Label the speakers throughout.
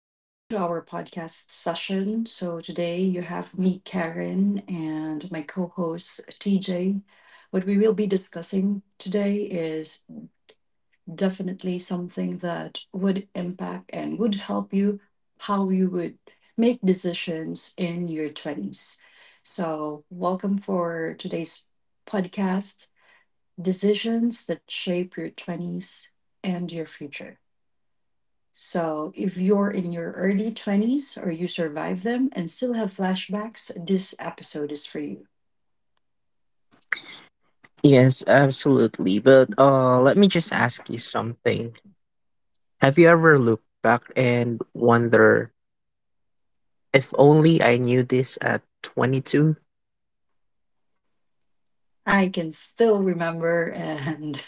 Speaker 1: Welcome to our podcast session. So, today you have me, Karen, and my co host, TJ. What we will be discussing today is definitely something that would impact and would help you how you would make decisions in your 20s. So, welcome for today's podcast Decisions that Shape Your 20s and Your Future. So if you're in your early 20s or you survive them and still have flashbacks, this episode is for you.
Speaker 2: Yes, absolutely. But let me just ask you something. Have you ever looked back and wonder, if only I knew this at 22?
Speaker 1: I can still remember and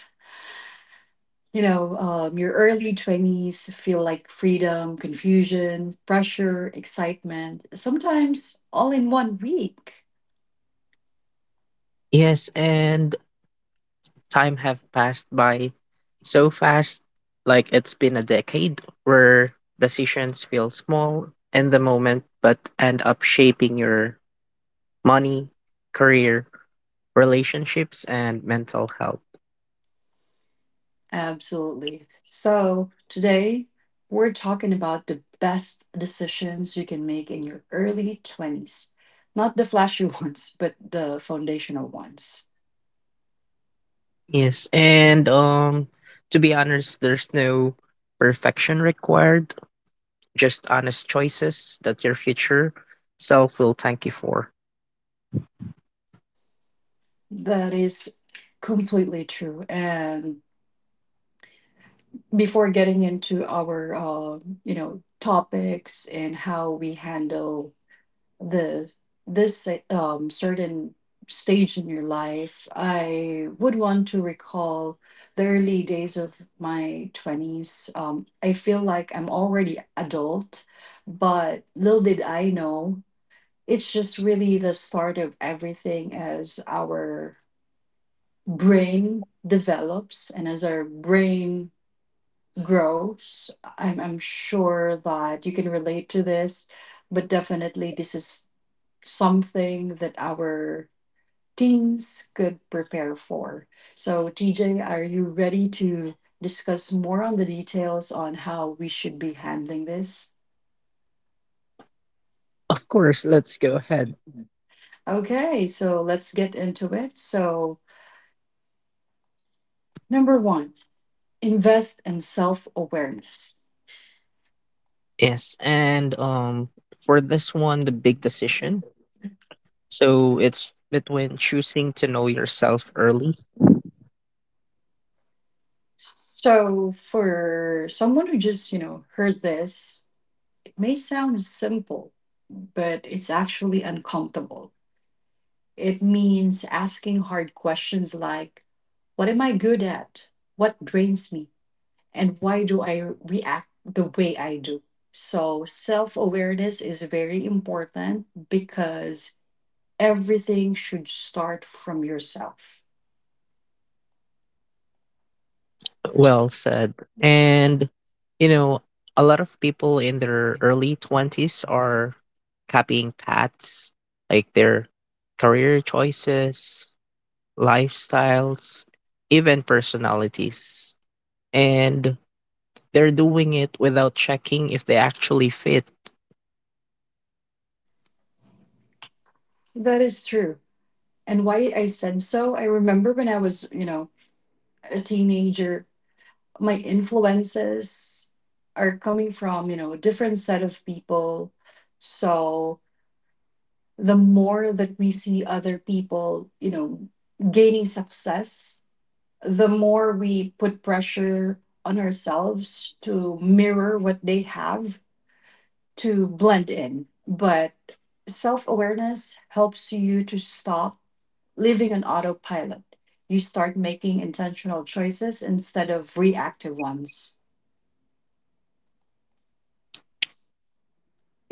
Speaker 1: your early 20s feel like freedom, confusion, pressure, excitement, sometimes all in one week.
Speaker 2: Yes, and time have passed by so fast, like it's been a decade where decisions feel small in the moment but end up shaping your money, career, relationships and mental health.
Speaker 1: Absolutely. So today we're talking about the best decisions you can make in your early 20s. Not the flashy ones, but the foundational ones.
Speaker 2: Yes, and To be honest, there's no perfection required, just honest choices that your future self will thank you for.
Speaker 1: That is completely true. And before getting into our, topics and how we handle the this certain stage in your life, I would want to recall the early days of my twenties. I feel like I'm already adult, but little did I know, it's just really the start of everything as our brain develops and as our brain grows. I'm sure that you can relate to this, but definitely this is something that our teens could prepare for. So, TJ, are you ready to discuss more on the details on how we should be handling this?
Speaker 2: Of course, let's go ahead.
Speaker 1: Okay, so let's get into it. So number one, invest in self-awareness.
Speaker 2: Yes, and For this one, the big decision. So it's between choosing to know yourself early.
Speaker 1: So, for someone who just, heard this, it may sound simple, but it's actually uncomfortable. It means asking hard questions like, what am I good at? What drains me? And why do I react the way I do? So, self awareness is very important because everything should start from yourself.
Speaker 2: Well said. And, you know, a lot of people in their early 20s are copying paths like their career choices, lifestyles, even personalities. And they're doing it without checking if they actually fit.
Speaker 1: That is true. And why I said so, I remember when I was, a teenager, my influences are coming from, a different set of people. So the more that we see other people, gaining success, the more we put pressure on ourselves to mirror what they have, to blend in. But self awareness helps you to stop living on autopilot. You start making intentional choices instead of reactive ones.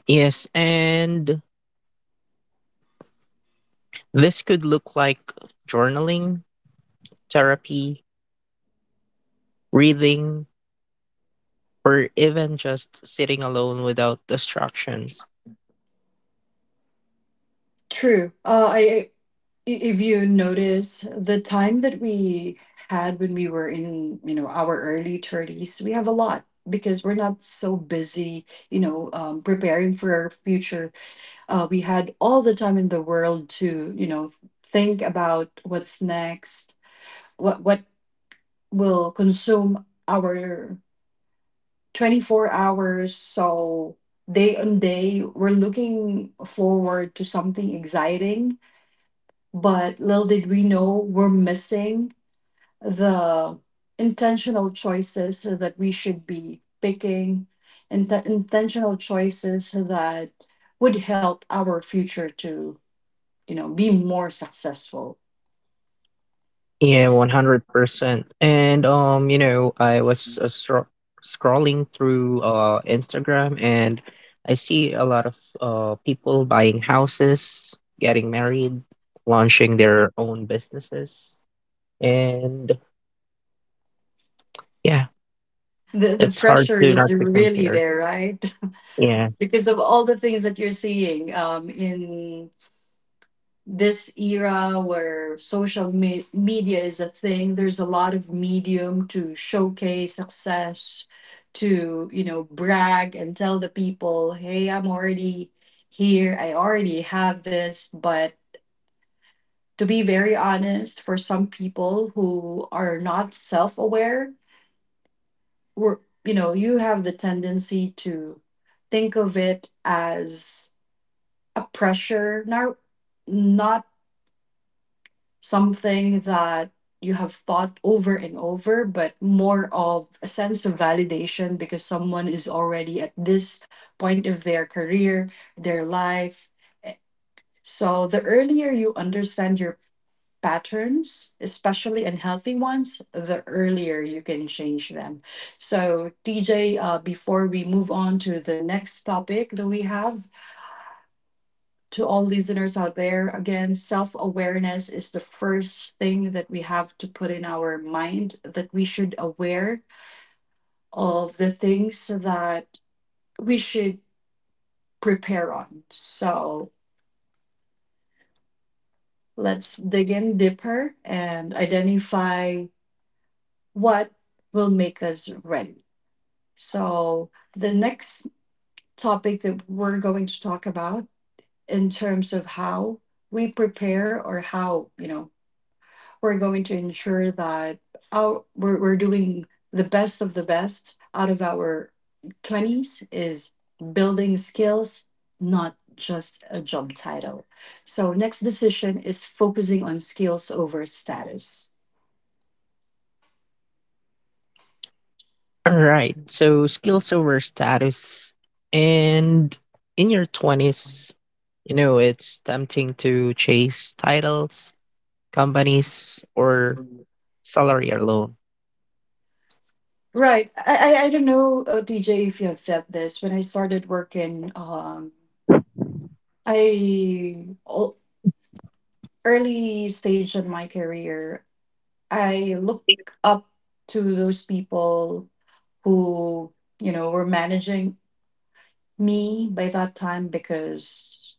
Speaker 2: Yes, and this could look like journaling, therapy, reading, or even just sitting alone without distractions.
Speaker 1: True. If you notice the time that we had when we were in, our early 30s, we have a lot because we're not so busy, preparing for our future. We had all the time in the world to, think about what's next, what will consume our 24 hours. So day on day, we're looking forward to something exciting. But little did we know, we're missing the intentional choices that we should be picking and the intentional choices that would help our future to, be more successful.
Speaker 2: Yeah, 100%. And You know, scrolling through Instagram and I see a lot of people buying houses, getting married, launching their own businesses. And yeah,
Speaker 1: The
Speaker 2: it's hard
Speaker 1: pressure
Speaker 2: to not
Speaker 1: is
Speaker 2: to
Speaker 1: really
Speaker 2: compare.
Speaker 1: there, right?
Speaker 2: Yes.
Speaker 1: Because of all the things that you're seeing in this era where media is a thing, there's a lot of medium to showcase success, to brag and tell the people, hey, I'm already here, I already have this. But to be very honest, for some people who are not self-aware, we're, you know you have the tendency to think of it as a pressure, not something that you have thought over and over, but more of a sense of validation because someone is already at this point of their career, their life. Eh, So the earlier you understand your patterns, especially unhealthy ones, the earlier you can change them. So, TJ, before we move on to the next topic that we have, to all listeners out there, again, self awareness is the first thing that we have to put in our mind, that we should aware of the things that we should prepare on. So let's dig in deeper and identify what will make us ready. So the next topic that we're going to talk about in terms of how we prepare, or how, we're going to ensure that we're doing the best of the best out of our 20s is building skills, not just a job title. So, next decision is focusing on skills over status.
Speaker 2: All right. So skills over status. And in your 20s, you know, it's tempting to chase titles, companies, or salary alone.
Speaker 1: Right. I don't know, DJ, if you have felt this. When I started working, I o- early stage in my career, I look up to those people who, were managing me by that time, because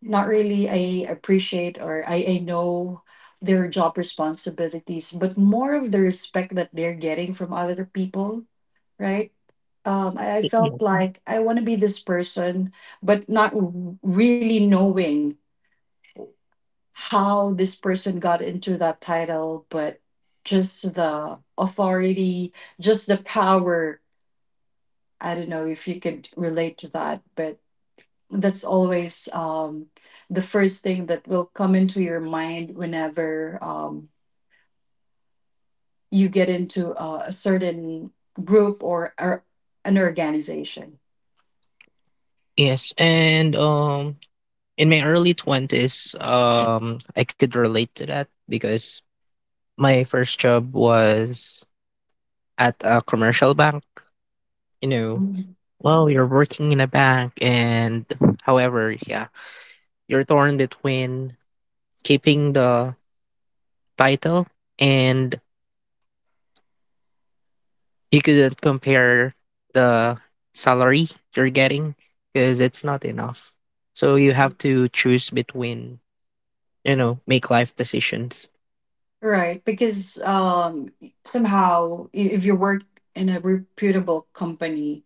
Speaker 1: not really I appreciate or I know their job responsibilities, but more of the respect that they're getting from other people, right? I
Speaker 2: Yeah.
Speaker 1: felt like I want to be this person, but not really knowing how this person got into that title, but just the authority, just the power. I don't know if you could relate to that, but that's always the first thing that will come into your mind whenever you get into a certain group, or an organization.
Speaker 2: Yes. And In my early 20s, I could relate to that because my first job was at a commercial bank, you know.
Speaker 1: Mhm.
Speaker 2: Well, you're working in a bank, and however, yeah, you're torn between keeping the title, and you couldn't compare the salary you're getting because it's not enough. So you have to choose between, you know, make life decisions.
Speaker 1: Right, because somehow if you work in a reputable company,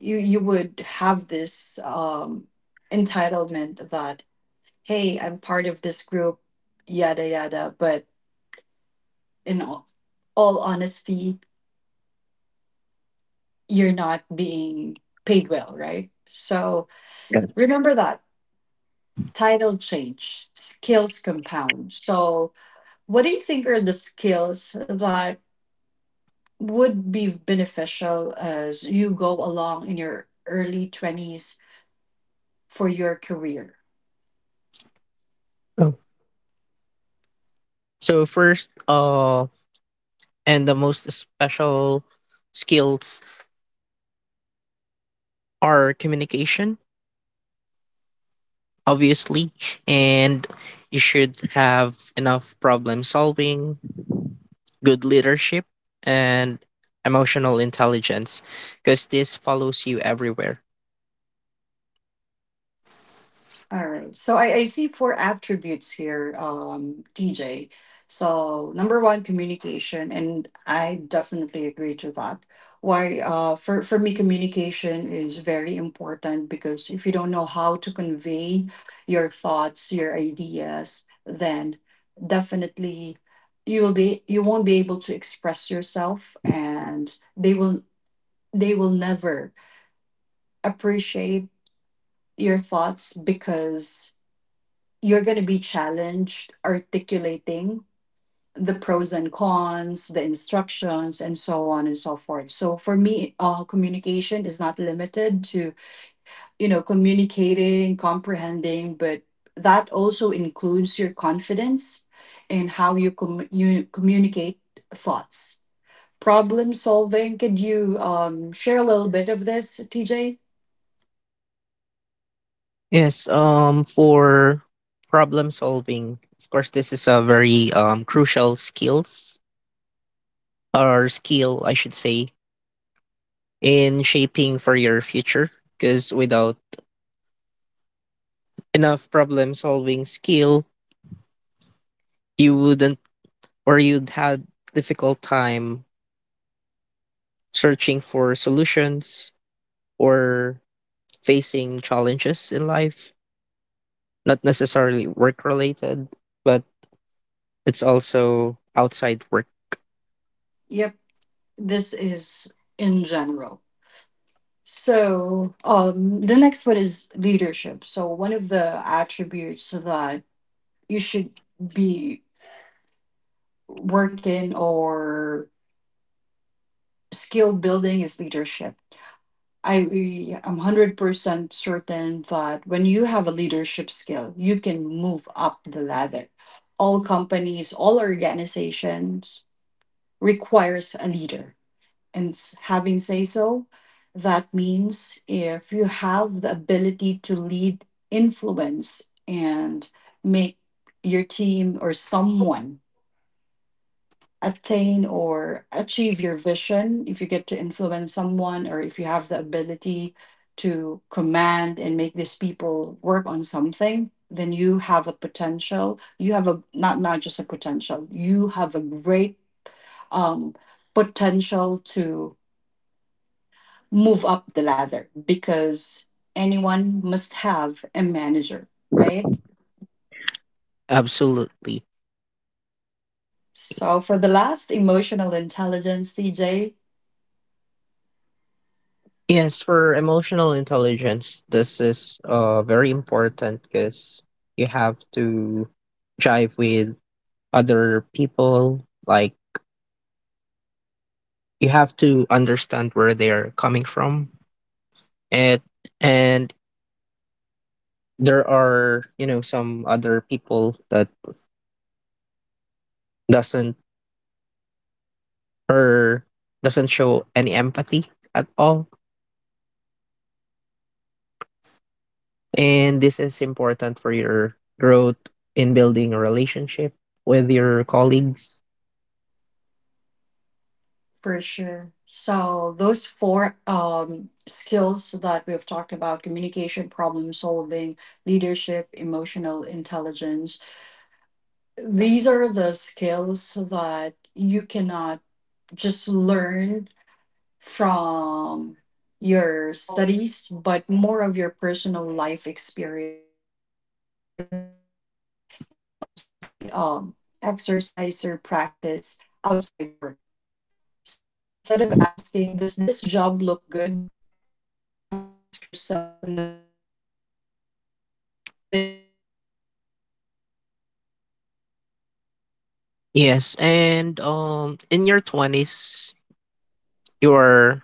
Speaker 1: you would have this entitlement that, hey, I'm part of this group, yada yada. But in all honesty, you're not being paid well, right? So
Speaker 2: Yes.
Speaker 1: remember that title change, skills compound. So, what do you think are the skills that would be beneficial as you go along in your early 20s for your career?
Speaker 2: Oh. So first, and the most special skills are communication obviously, and you should have enough problem solving, good leadership, and emotional intelligence because this follows you everywhere.
Speaker 1: All right. So I see four attributes here, TJ. So number one, communication, and I definitely agree to that. Why? For me, communication is very important because if you don't know how to convey your thoughts, your ideas, then definitely you won't be able to express yourself, and they will never appreciate your thoughts, because you're going to be challenged articulating the pros and cons, the instructions, and so on and so forth. So for me, communication is not limited to, communicating, comprehending, but that also includes your confidence in how you, you communicate thoughts. Problem solving. Could you share a little bit of this, TJ?
Speaker 2: Yes, for problem solving, of course this is a very crucial skills, or skill I should say, in shaping for your future because without enough problem solving skill, you wouldn't, or you'd had difficult time searching for solutions or facing challenges in life, not necessarily work related, but it's also outside work.
Speaker 1: Yep, this is in general. So, the next one is leadership. So, one of the attributes that you should be working, or skill building, is leadership. I am 100% certain that when you have a leadership skill, you can move up the ladder. All companies, all organizations requires a leader. And having say so, that means if you have the ability to lead, influence, and make your team or someone attain or achieve your vision, if you get to influence someone, or if you have the ability to command and make these people work on something, then you have a potential, you have a, not just a potential, you have a great um, potential to move up the ladder, because anyone must have a manager, right?
Speaker 2: Absolutely.
Speaker 1: So, for the last, emotional intelligence, CJ,
Speaker 2: Yes, for emotional intelligence, this is very important because you have to jive with other people. Like, you have to understand where they are coming from, and and there are, you know, some other people that doesn't, or doesn't show any empathy at all, and this is important for your growth in building a relationship with your colleagues.
Speaker 1: for sure. So, those four skills that we've talked about, communication, problem solving, leadership, emotional intelligence, these are the skills that you cannot just learn from your studies, but more of your personal life experience. And it's not limited to your work, it can also be exercise or practice outside work. So instead of asking, does this job look good? You have to ask yourself whenever you're, moving or applying for a certain post, you got to ask yourself,
Speaker 2: yes
Speaker 1: What
Speaker 2: and
Speaker 1: am I learning
Speaker 2: um
Speaker 1: here?"
Speaker 2: in your 20s you are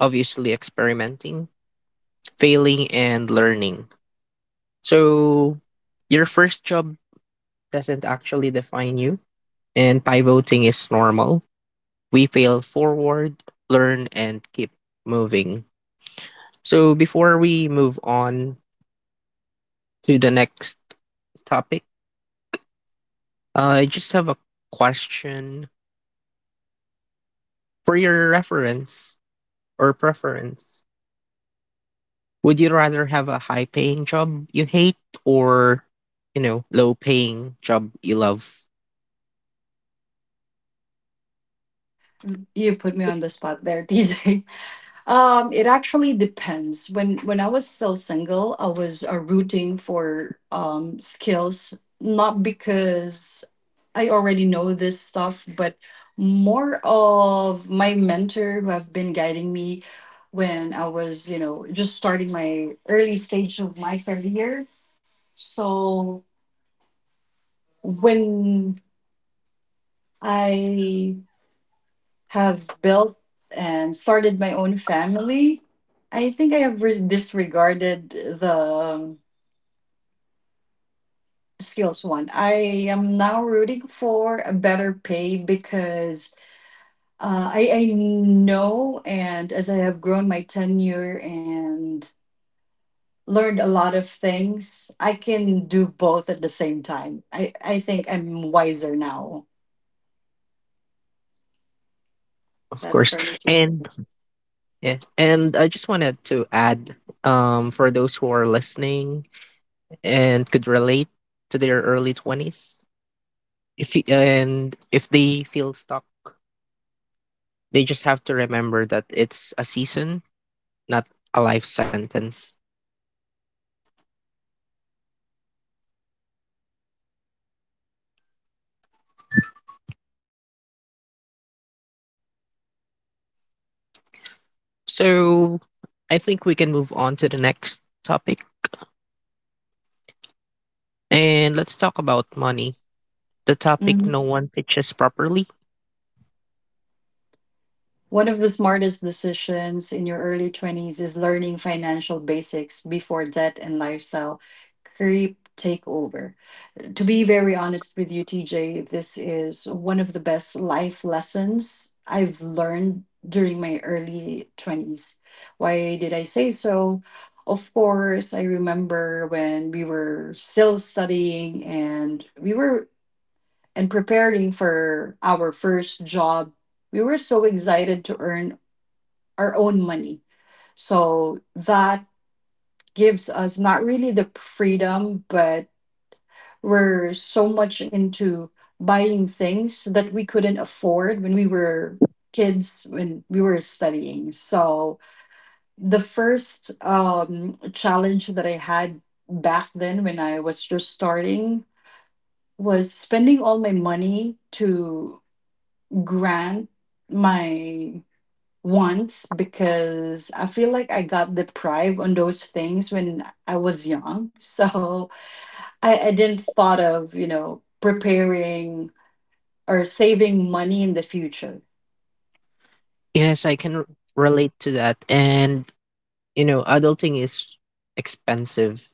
Speaker 2: obviously experimenting, failing and learning. So your first job doesn't actually define you, and pivoting is normal. We fail forward, learn, and keep moving. So before we move on to the next topic, I just have a question for your reference or preference. Would you rather have a high paying job you hate, or, you know, low paying job you love?
Speaker 1: You put me on the spot there, DJ. It actually depends. When I was still single, I was rooting for skills, not because I already know this stuff, but more of my mentor who have been guiding me when I was, just starting my early stage of my career. So when I have built and started my own family, I think I have disregarded the skills one. I am now rooting for a better pay because I know, and as I have grown my tenure and learned a lot of things, I can do both at the same time. I think I'm wiser now.
Speaker 2: Of
Speaker 1: That's
Speaker 2: course.
Speaker 1: for me to say.
Speaker 2: And yeah, and I just wanted to add, for those who are listening and could relate to their early 20s, if and if they feel stuck, they just have to remember that it's a season, not a life sentence.
Speaker 1: Couldn't agree more. So, we can now discuss on learn how
Speaker 2: So
Speaker 1: money really
Speaker 2: I think
Speaker 1: works.
Speaker 2: we can move on to the next topic
Speaker 1: Yep, absolutely.
Speaker 2: and let's
Speaker 1: So,
Speaker 2: talk about money, the topic
Speaker 1: mm,
Speaker 2: no one pitches properly.
Speaker 1: one of the smartest decisions in your early 20s is learning financial basics before debt and lifestyle creep take over. To be very honest with you, TJ, this is one of the best life lessons I've learned during my early 20s. Why did I say so? Of course, I remember when we were still studying and we were and preparing for our first job. We were so excited to earn our own money. So that gives us not really the freedom, but were so much into buying things that we couldn't afford when we were kids when we were studying. So the first challenge that I had back then when I was just starting was spending all my money to grant my wants, because I feel like I got deprived on those things when I was young so I didn't thought of preparing or saving money in the future.
Speaker 2: Yes, I can relate to that. And you know, adulting is expensive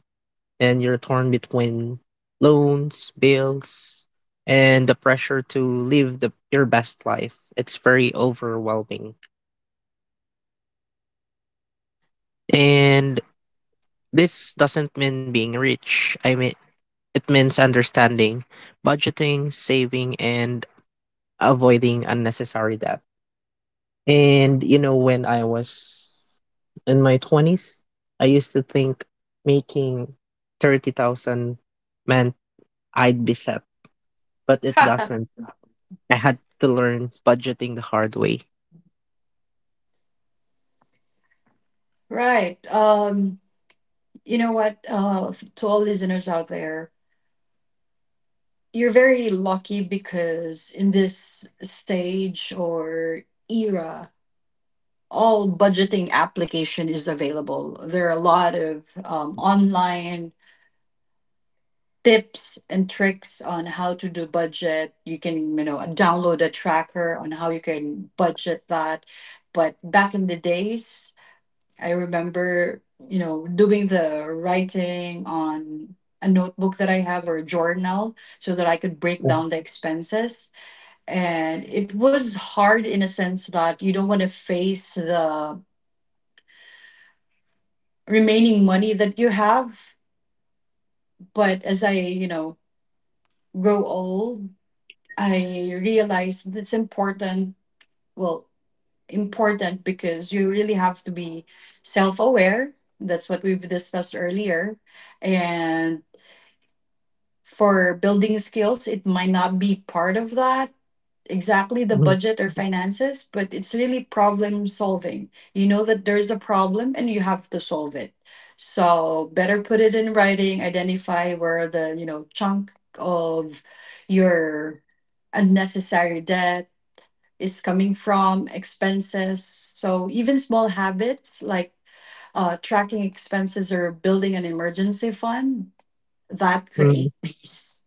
Speaker 2: and you're torn between loans, bills, and the pressure to live the your best life. It's very overwhelming. And this doesn't mean being rich. I mean it means understanding, budgeting, saving and avoiding unnecessary debt. And you know when I was in my 20s, I used to think making 30,000, man, I'd be set, but it doesn't. I had to learn budgeting the hard way.
Speaker 1: Right. You know what? To all listeners out there, you're very lucky because in this stage or era, all budgeting application is available. There are a lot of online tips and tricks on how to do budget. You can, you know, download a tracker on how you can budget that. But back in the days, I remember, you know, doing the writing on a notebook that I have or a journal so that I could break
Speaker 2: Mhm,
Speaker 1: down the expenses. And it was hard in a sense that you don't want to face the remaining money that you have. But as I, you know, grow old, I realized that it's important. Well, important because you really have to be self aware. That's what we've discussed earlier. And for building skills, it might not be part of that exactly, the
Speaker 2: mhm,
Speaker 1: budget or finances, but it's really problem solving. You know that there's a problem and you have to solve it. So better put it in writing, identify where the, you know, chunk of your unnecessary debt is coming from, expenses. So even small habits like tracking expenses or building an emergency fund that
Speaker 2: mhm.
Speaker 1: create peace.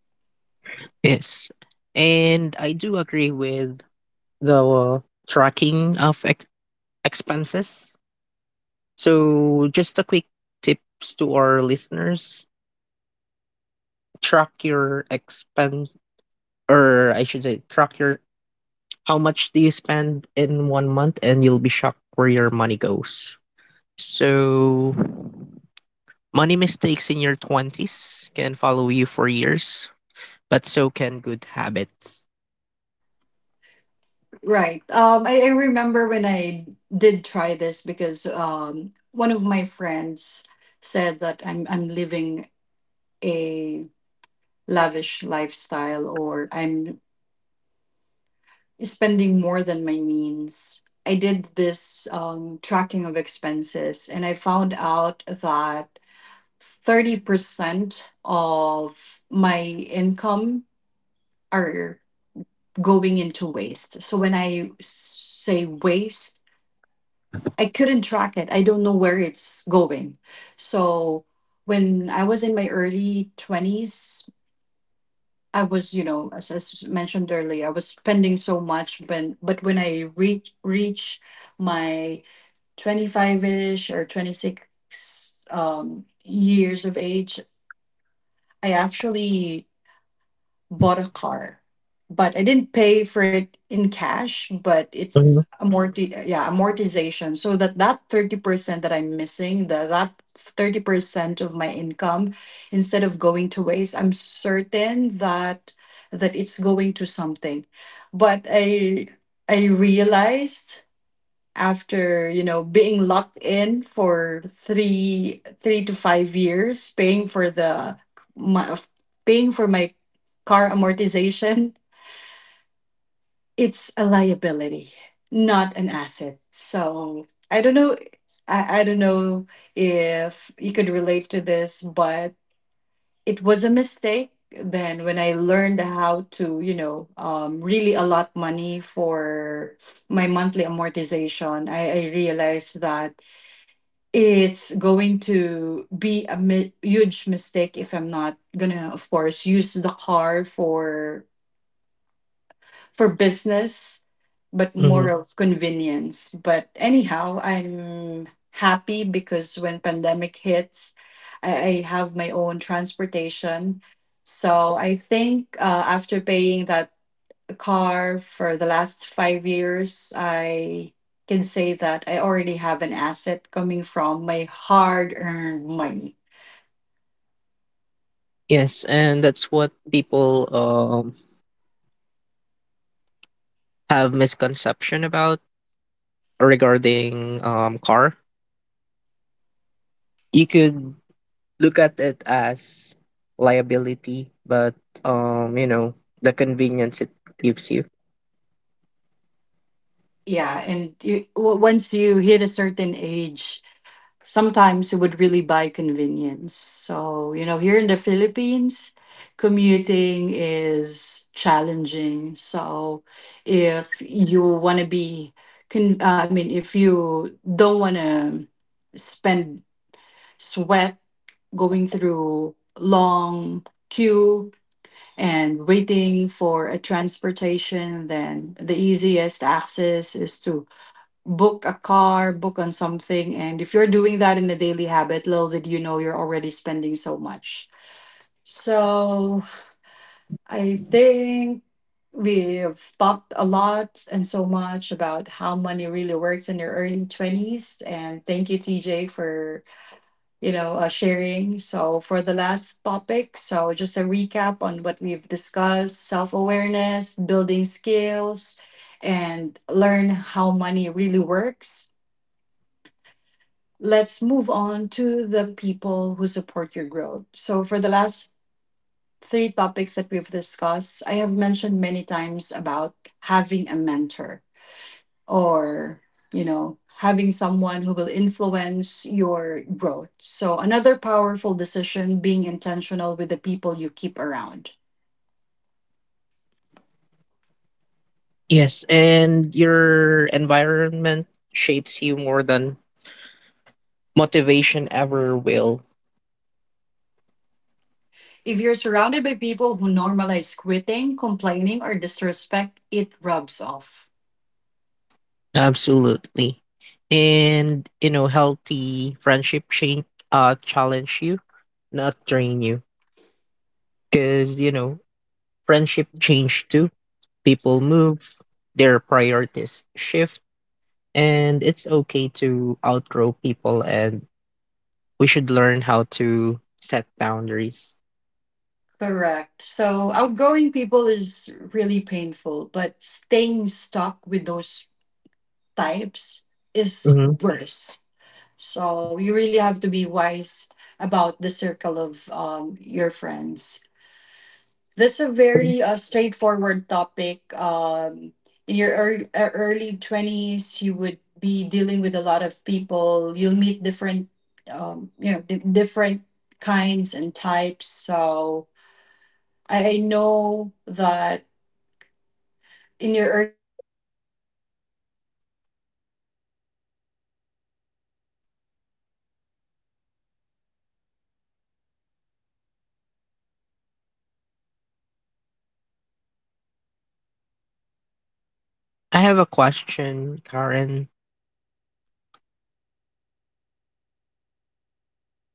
Speaker 2: Yes. And I do agree with the tracking of expenses. So, just a quick tips to our listeners, track your expense, or I should say, track your how much do you spend in one month, and you'll be shocked where your money goes. So, money mistakes in your 20s can follow you for years, but so can good habits.
Speaker 1: Right. I remember when I did try this because one of my friends said that I'm living a lavish lifestyle, or I'm spending more than my means. I did this tracking of expenses and I found out that 30% of my income are going into waste. So when I say waste, I couldn't track it. I don't know where it's going. So when I was in my early 20s, I was, you know, as mentioned earlier, I was spending so much, but when I reach my 25ish or 26 years of age, I actually bought a car, but I didn't pay for it in cash. But it's
Speaker 2: Mhm,
Speaker 1: amortization, so that that 30% that I'm missing, that 30% of my income, instead of going to waste, I'm certain that it's going to something. But I realized after you know being locked in for three to five years paying for my, of- paying for my car amortization, it's a liability, not an asset. So I don't know, I don't know if you could relate to this, but it was a mistake. Then when I learned how to, you know, really allot money for my monthly amortization, I realized that it's going to be a huge mistake if I'm not gonna, of course, use the car for business, but more
Speaker 2: mhm.
Speaker 1: of convenience. But anyhow, I'm happy because when pandemic hits, I have my own transportation. So I think after paying that car for the last 5 years, I can say that I already have an asset coming from my hard earned money.
Speaker 2: Yes, and that's what people have misconception about regarding car. You could look at it as liability, but you know the convenience it gives you.
Speaker 1: Yeah. And once you hit a certain age, sometimes you would really buy convenience. So, you know, here in the Philippines, commuting is challenging. So, if you want to be, I mean, if you don't want to spend sweat going through long queue and waiting for a transportation, then the easiest access is to book a car, book on something. And if you're doing that in a daily habit, little did you know, you're already spending so much. So I think we have talked a lot and so much about how money really works in your early 20s. And thank you, TJ, for sharing. So, for the last topic, so just a recap on what we've discussed: self awareness, building skills, and learn how money really works. Let's move on to the people who support your growth. So, for the last three topics that we've discussed, I have mentioned many times about having a mentor or, you know, having someone who will influence your growth. So another powerful decision, being intentional with the people you keep around.
Speaker 2: Yes, and your environment shapes you more than motivation ever will.
Speaker 1: If you're surrounded by people who normalize quitting, complaining, or disrespect, it rubs off.
Speaker 2: Absolutely. And you know, healthy friendship change, challenge you, not train you. Cause you know, friendship change too. People move, their priorities shift, and it's okay to outgrow people and we should learn how to set boundaries.
Speaker 1: Correct. So outgoing people is really painful, but staying stuck with those types is
Speaker 2: Mhm.
Speaker 1: worse. So you really have to be wise about the circle of your friends. That's a very straightforward topic. In your early 20s, you would be dealing with a lot of people. You'll meet different, you know, different kinds and types. So I know that in your early 20s, you may be somehow very emotional on something. But if you're aware that they would play a big role in how you would be shaped up, I'm pretty sure that it's gonna be an
Speaker 2: I have a
Speaker 1: easier,
Speaker 2: question,
Speaker 1: not
Speaker 2: Karen.
Speaker 1: really an easier, but not an not a shortcut anyway, but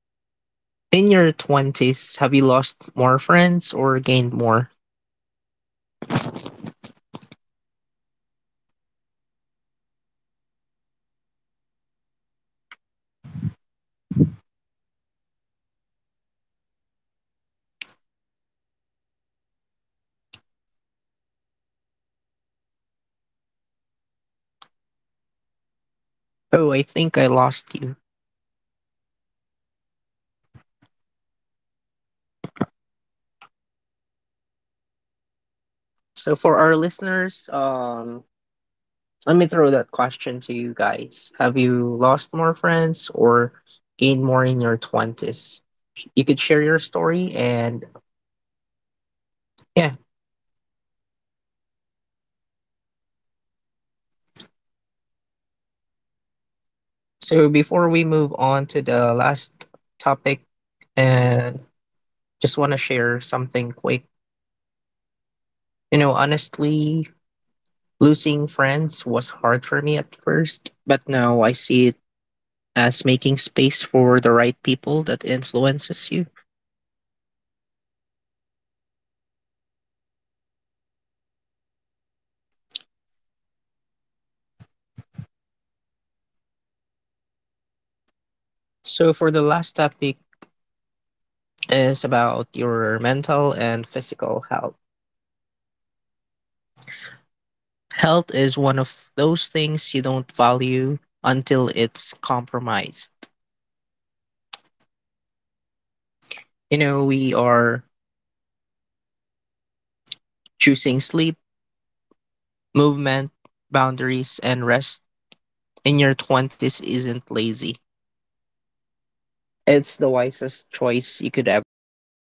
Speaker 1: more
Speaker 2: In your
Speaker 1: of
Speaker 2: twenties, have you
Speaker 1: you
Speaker 2: lost
Speaker 1: know
Speaker 2: more
Speaker 1: when to
Speaker 2: friends
Speaker 1: stop.
Speaker 2: or gained more?
Speaker 1: So as for the last topic, take care of your mental and physical health. Health is one of those things you don't value if it's compromised. So I know that
Speaker 2: Oh, I think I lost you.
Speaker 1: this is something that we always s- disregard
Speaker 2: So
Speaker 1: or
Speaker 2: for our listeners,
Speaker 1: take for granted.
Speaker 2: let me throw that
Speaker 1: Choosing
Speaker 2: question to you
Speaker 1: sleep,
Speaker 2: guys. Have
Speaker 1: movement,
Speaker 2: you lost
Speaker 1: boundaries in
Speaker 2: more
Speaker 1: your
Speaker 2: friends
Speaker 1: early
Speaker 2: or
Speaker 1: 20s isn't
Speaker 2: gained more
Speaker 1: lazy,
Speaker 2: in your
Speaker 1: it's wise.
Speaker 2: 20s? You could
Speaker 1: Burnout
Speaker 2: share
Speaker 1: is a
Speaker 2: your
Speaker 1: badge
Speaker 2: story
Speaker 1: of honor.
Speaker 2: and
Speaker 1: Your body and mind are the
Speaker 2: yeah.
Speaker 1: foundation of everything else you want to build. So, as we end this session, I hope all listeners have
Speaker 2: So before we move
Speaker 1: learned
Speaker 2: on to the last topic,
Speaker 1: tips and advices
Speaker 2: and
Speaker 1: on how you
Speaker 2: just
Speaker 1: would
Speaker 2: want to share
Speaker 1: handle your
Speaker 2: something
Speaker 1: early
Speaker 2: quick.
Speaker 1: 20s. So, again,
Speaker 2: You know, honestly,
Speaker 1: five steps:
Speaker 2: losing
Speaker 1: self
Speaker 2: friends was hard for
Speaker 1: awareness,
Speaker 2: me at
Speaker 1: build
Speaker 2: first, but
Speaker 1: skills,
Speaker 2: now I see it
Speaker 1: learn how money
Speaker 2: as
Speaker 1: really
Speaker 2: making space
Speaker 1: works,
Speaker 2: for the right people
Speaker 1: and
Speaker 2: that
Speaker 1: choose the
Speaker 2: influences you.
Speaker 1: people you support your growth. And lastly, your health. Another productive session. Thank you so much, listeners. And I hope you really had fun and you
Speaker 2: So
Speaker 1: have
Speaker 2: for the last topic,
Speaker 1: already the idea
Speaker 2: is
Speaker 1: on
Speaker 2: about
Speaker 1: a
Speaker 2: your mental
Speaker 1: better
Speaker 2: and physical health.
Speaker 1: way on how to face your early 20s
Speaker 2: Health is
Speaker 1: and
Speaker 2: one
Speaker 1: to
Speaker 2: of
Speaker 1: avoid
Speaker 2: those
Speaker 1: all the
Speaker 2: things you
Speaker 1: mistakes
Speaker 2: don't
Speaker 1: that we've
Speaker 2: value
Speaker 1: had. But
Speaker 2: until it's
Speaker 1: I know that
Speaker 2: compromised.
Speaker 1: it's inevitable, so learn from
Speaker 2: You
Speaker 1: it.
Speaker 2: know,
Speaker 1: But
Speaker 2: we
Speaker 1: with
Speaker 2: are
Speaker 1: those steps or things
Speaker 2: choosing
Speaker 1: that
Speaker 2: sleep,
Speaker 1: we told you, I'm
Speaker 2: movement,
Speaker 1: pretty sure it will
Speaker 2: boundaries,
Speaker 1: guide
Speaker 2: and
Speaker 1: you the
Speaker 2: rest
Speaker 1: better way.
Speaker 2: in your
Speaker 1: Thank
Speaker 2: 20s
Speaker 1: you so
Speaker 2: isn't
Speaker 1: much,
Speaker 2: lazy.
Speaker 1: and everyone, you have a great
Speaker 2: It's the
Speaker 1: day ahead of
Speaker 2: wisest
Speaker 1: you.
Speaker 2: choice you could ever do.